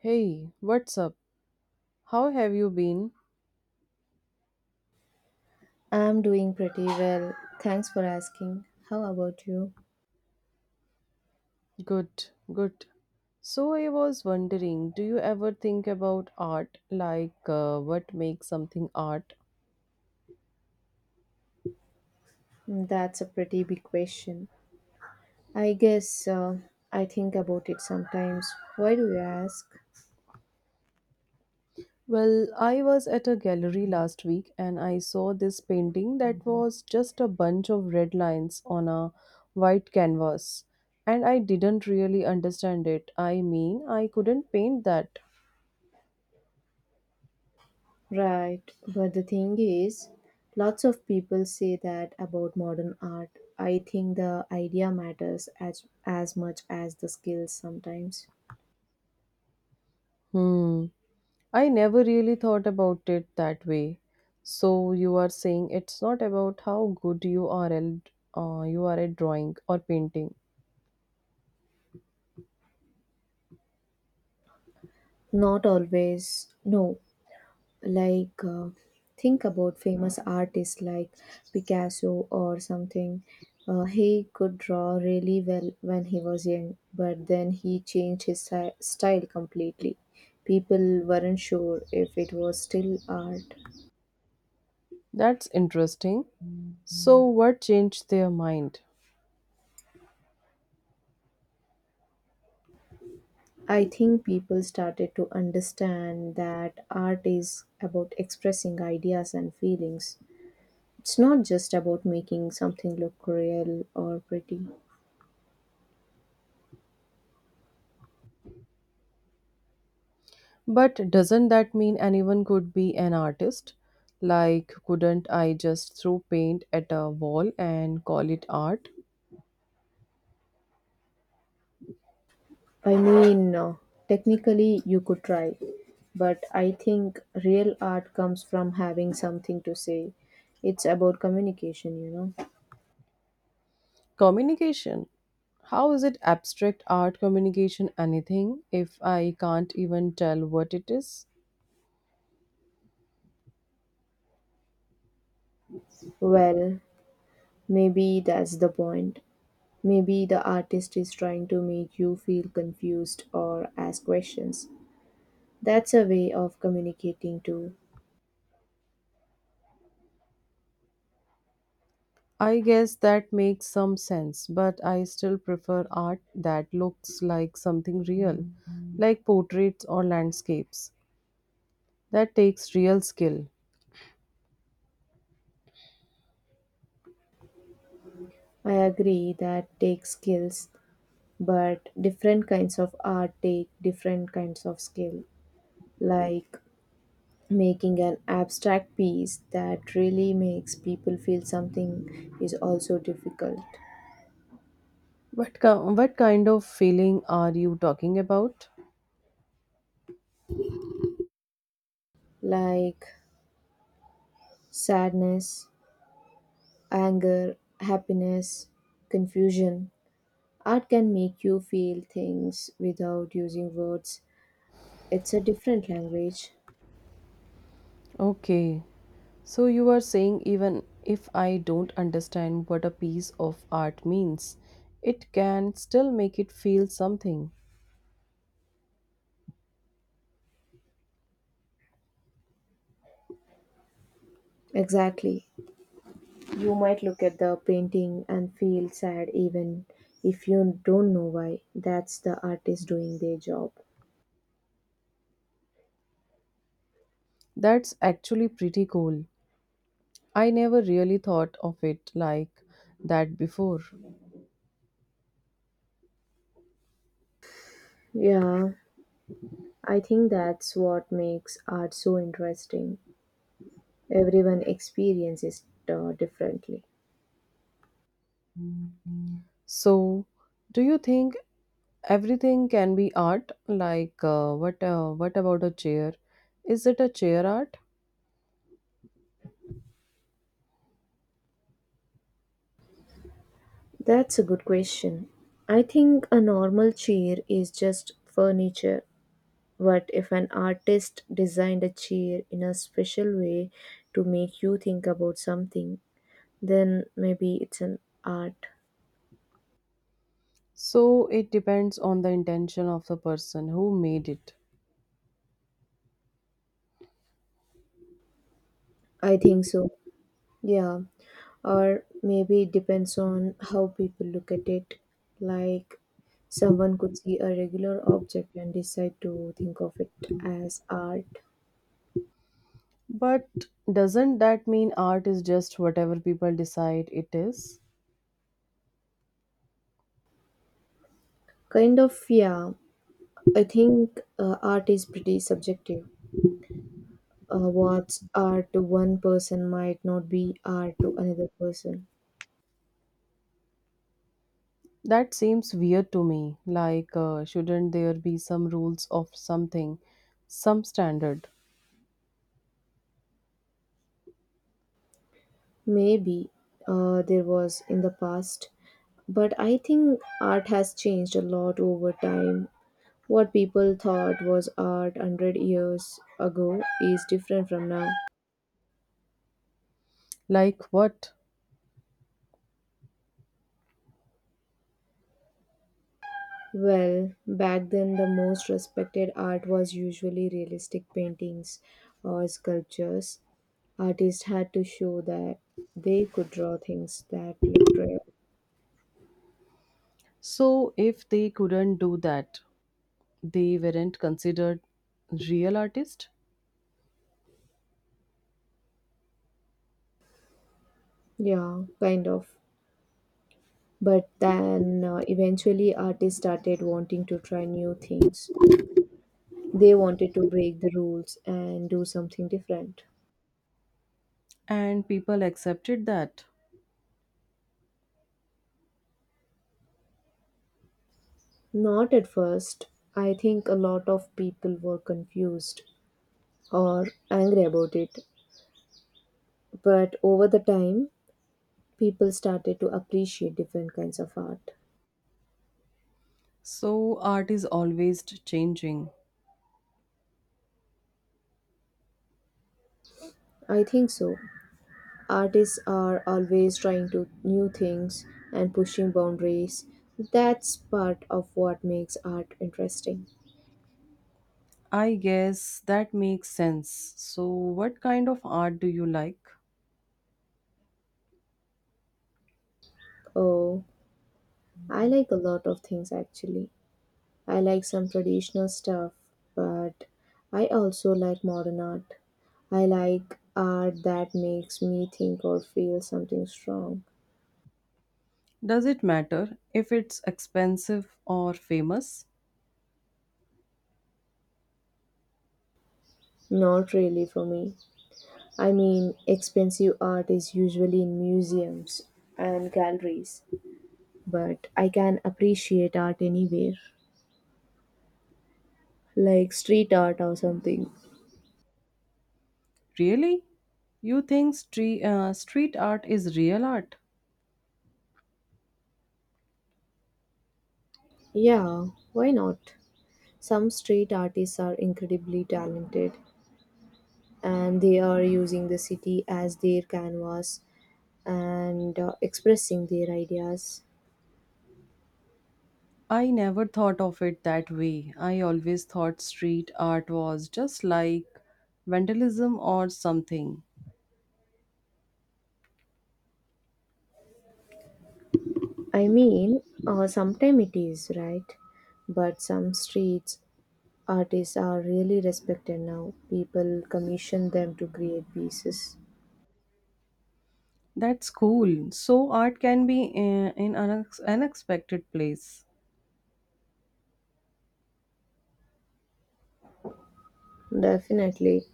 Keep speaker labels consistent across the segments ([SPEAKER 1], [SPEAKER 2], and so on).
[SPEAKER 1] Hey, what's up? How have you been?
[SPEAKER 2] I'm doing pretty well. Thanks for asking. How about you?
[SPEAKER 1] Good, good. So, I was wondering, do you ever think about art, what makes something art?
[SPEAKER 2] Mm, that's a pretty big question. I guess I think about it sometimes. Why do you ask?
[SPEAKER 1] Well, I was at a gallery last week and I saw this painting that was just a bunch of red lines on a white canvas. And I didn't really understand it. I mean, I couldn't paint that.
[SPEAKER 2] Right, but the thing is, lots of people say that about modern art. I think the idea matters as much as the skills sometimes.
[SPEAKER 1] Hmm. I never really thought about it that way. So you are saying it's not about how good you are at drawing or painting.
[SPEAKER 2] Not always. No, like think about famous artists like Picasso or something. He could draw really well when he was young, but then he changed his style completely. People weren't sure if it was still art.
[SPEAKER 1] That's interesting. So what changed their mind?
[SPEAKER 2] I think people started to understand that art is about expressing ideas and feelings. It's not just about making something look real or pretty.
[SPEAKER 1] But doesn't that mean anyone could be an artist? Like couldn't I just throw paint at a wall and call it art?
[SPEAKER 2] I mean, technically you could try, but I think real art comes from having something to say. It's about communication, you know.
[SPEAKER 1] Communication. How is it abstract art communication anything if I can't even tell what it is?
[SPEAKER 2] Well, maybe that's the point. Maybe the artist is trying to make you feel confused or ask questions. That's a way of communicating too.
[SPEAKER 1] I guess that makes some sense, but I still prefer art that looks like something real, like portraits or landscapes. That takes real skill.
[SPEAKER 2] I agree that takes skills, but different kinds of art take different kinds of skill. Like making an abstract piece that really makes people feel something is also difficult.
[SPEAKER 1] What kind of feeling are you talking about?
[SPEAKER 2] Like sadness, anger, happiness, confusion. Art can make you feel things without using words. It's a different language.
[SPEAKER 1] Okay, so you are saying even if I don't understand what a piece of art means, it can still make it feel something.
[SPEAKER 2] Exactly. You might look at the painting and feel sad even if you don't know why. That's the artist doing their job.
[SPEAKER 1] That's actually pretty cool. I never really thought of it like that before.
[SPEAKER 2] Yeah, I think that's what makes art so interesting. Everyone experiences it differently.
[SPEAKER 1] So, do you think everything can be art? What about a chair? Is it a chair art?
[SPEAKER 2] That's a good question. I think a normal chair is just furniture, but if an artist designed a chair in a special way to make you think about something, then maybe it's an art.
[SPEAKER 1] So it depends on the intention of the person who made it.
[SPEAKER 2] I think so. Yeah. Or maybe it depends on how people look at it. Like, someone could see a regular object and decide to think of it as art.
[SPEAKER 1] But doesn't that mean art is just whatever people decide it is?
[SPEAKER 2] Kind of, yeah. I think art is pretty subjective. What's art to one person might not be art to another person.
[SPEAKER 1] That seems weird to me. Shouldn't there be some rules of something, some standard?
[SPEAKER 2] Maybe there was in the past, but I think art has changed a lot over time. What people thought was art 100 years ago is different from now.
[SPEAKER 1] Like what?
[SPEAKER 2] Well, back then the most respected art was usually realistic paintings or sculptures. Artists had to show that they could draw things that looked real.
[SPEAKER 1] So, if they couldn't do that, they weren't considered real artists
[SPEAKER 2] Yeah, kind of. But then eventually artists started wanting to try new things. They wanted to break the rules and do something different.
[SPEAKER 1] and people accepted that.
[SPEAKER 2] Not at first. I think a lot of people were confused or angry about it. But over the time, people started to appreciate different kinds of art.
[SPEAKER 1] So art is always changing.
[SPEAKER 2] I think so. Artists are always trying to new things and pushing boundaries. That's part of what makes art interesting.
[SPEAKER 1] I guess that makes sense. So what kind of art do you like?
[SPEAKER 2] Oh, I like a lot of things actually. I like some traditional stuff, but I also like modern art. I like art that makes me think or feel something strong.
[SPEAKER 1] Does it matter if it's expensive or famous?
[SPEAKER 2] Not really for me. I mean, expensive art is usually in museums and galleries, but I can appreciate art anywhere, like street art or something.
[SPEAKER 1] Really, you think street art is real art?
[SPEAKER 2] Yeah, why not? Some street artists are incredibly talented and they are using the city as their canvas and expressing their ideas.
[SPEAKER 1] I never thought of it that way. I always thought street art was just like vandalism or something.
[SPEAKER 2] I mean, sometimes it is, right? But some streets artists are really respected now. People commission them to create pieces.
[SPEAKER 1] That's cool. So art can be in an unexpected place.
[SPEAKER 2] Definitely.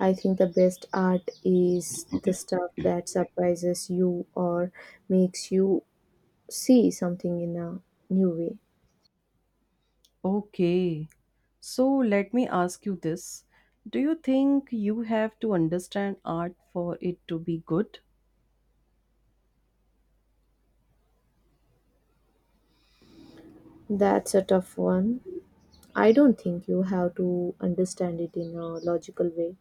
[SPEAKER 2] I think the best art is the stuff that surprises you or makes you see something in a new way.
[SPEAKER 1] Okay. So let me ask you this. Do you think you have to understand art for it to be good?
[SPEAKER 2] That's a tough one. I don't think you have to understand it in a logical way,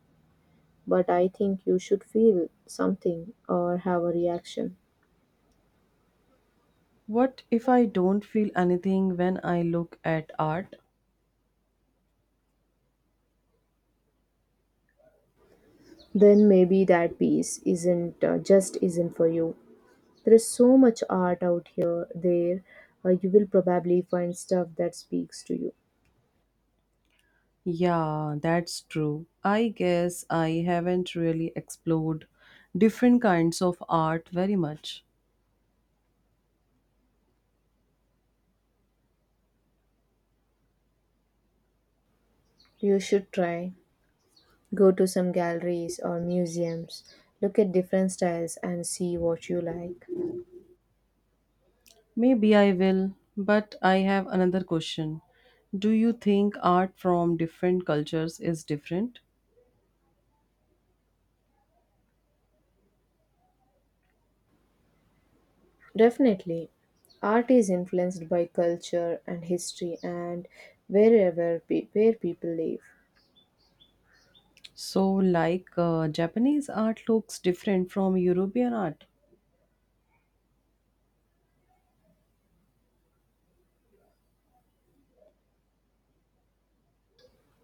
[SPEAKER 2] but I think you should feel something or have a reaction.
[SPEAKER 1] What if I don't feel anything when I look at art?
[SPEAKER 2] Then maybe that piece isn't just isn't for you. There is so much art out here, there, you will probably find stuff that speaks to you.
[SPEAKER 1] Yeah, that's true. I guess I haven't really explored different kinds of art very much.
[SPEAKER 2] You should try. Go to some galleries or museums, look at different styles and see what you like.
[SPEAKER 1] Maybe I will, but I have another question. Do you think art from different cultures is different?
[SPEAKER 2] Definitely, art is influenced by culture and history and wherever where people live.
[SPEAKER 1] So, Japanese art looks different from European art.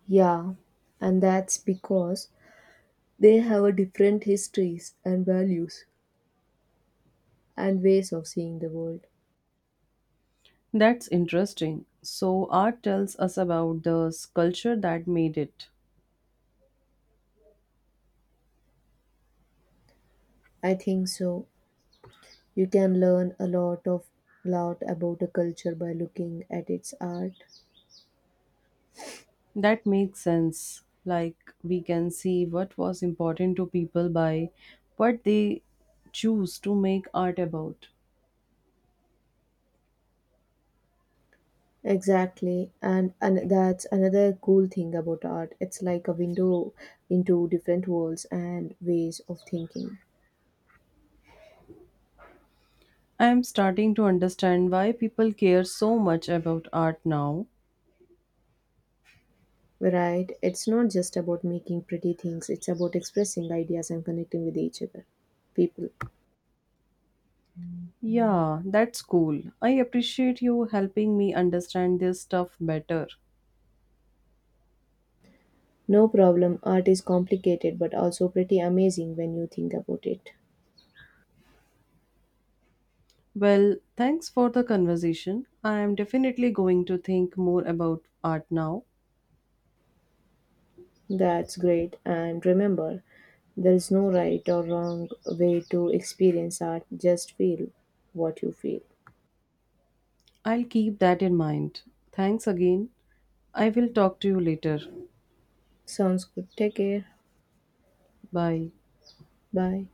[SPEAKER 2] Yeah, and that's because they have a different histories and values and ways of seeing the world.
[SPEAKER 1] That's interesting. So, art tells us about culture that made it.
[SPEAKER 2] I think so. You can learn a lot about a culture by looking at its art.
[SPEAKER 1] That makes sense. Like, we can see what was important to people by what they choose to make art about.
[SPEAKER 2] Exactly, and that's another cool thing about art. It's like a window into different worlds and ways of thinking.
[SPEAKER 1] I am starting to understand why people care so much about art now.
[SPEAKER 2] Right? It's not just about making pretty things. It's about expressing ideas and connecting with each other, people.
[SPEAKER 1] Yeah, that's cool. I appreciate you helping me understand this stuff better.
[SPEAKER 2] No problem. Art is complicated but also pretty amazing when you think about it.
[SPEAKER 1] Well, thanks for the conversation. I am definitely going to think more about art now.
[SPEAKER 2] That's great. And remember, there is no right or wrong way to experience art. Just feel what you feel.
[SPEAKER 1] I'll keep that in mind. Thanks again. I will talk to you later.
[SPEAKER 2] Sounds good. Take care.
[SPEAKER 1] Bye.
[SPEAKER 2] Bye.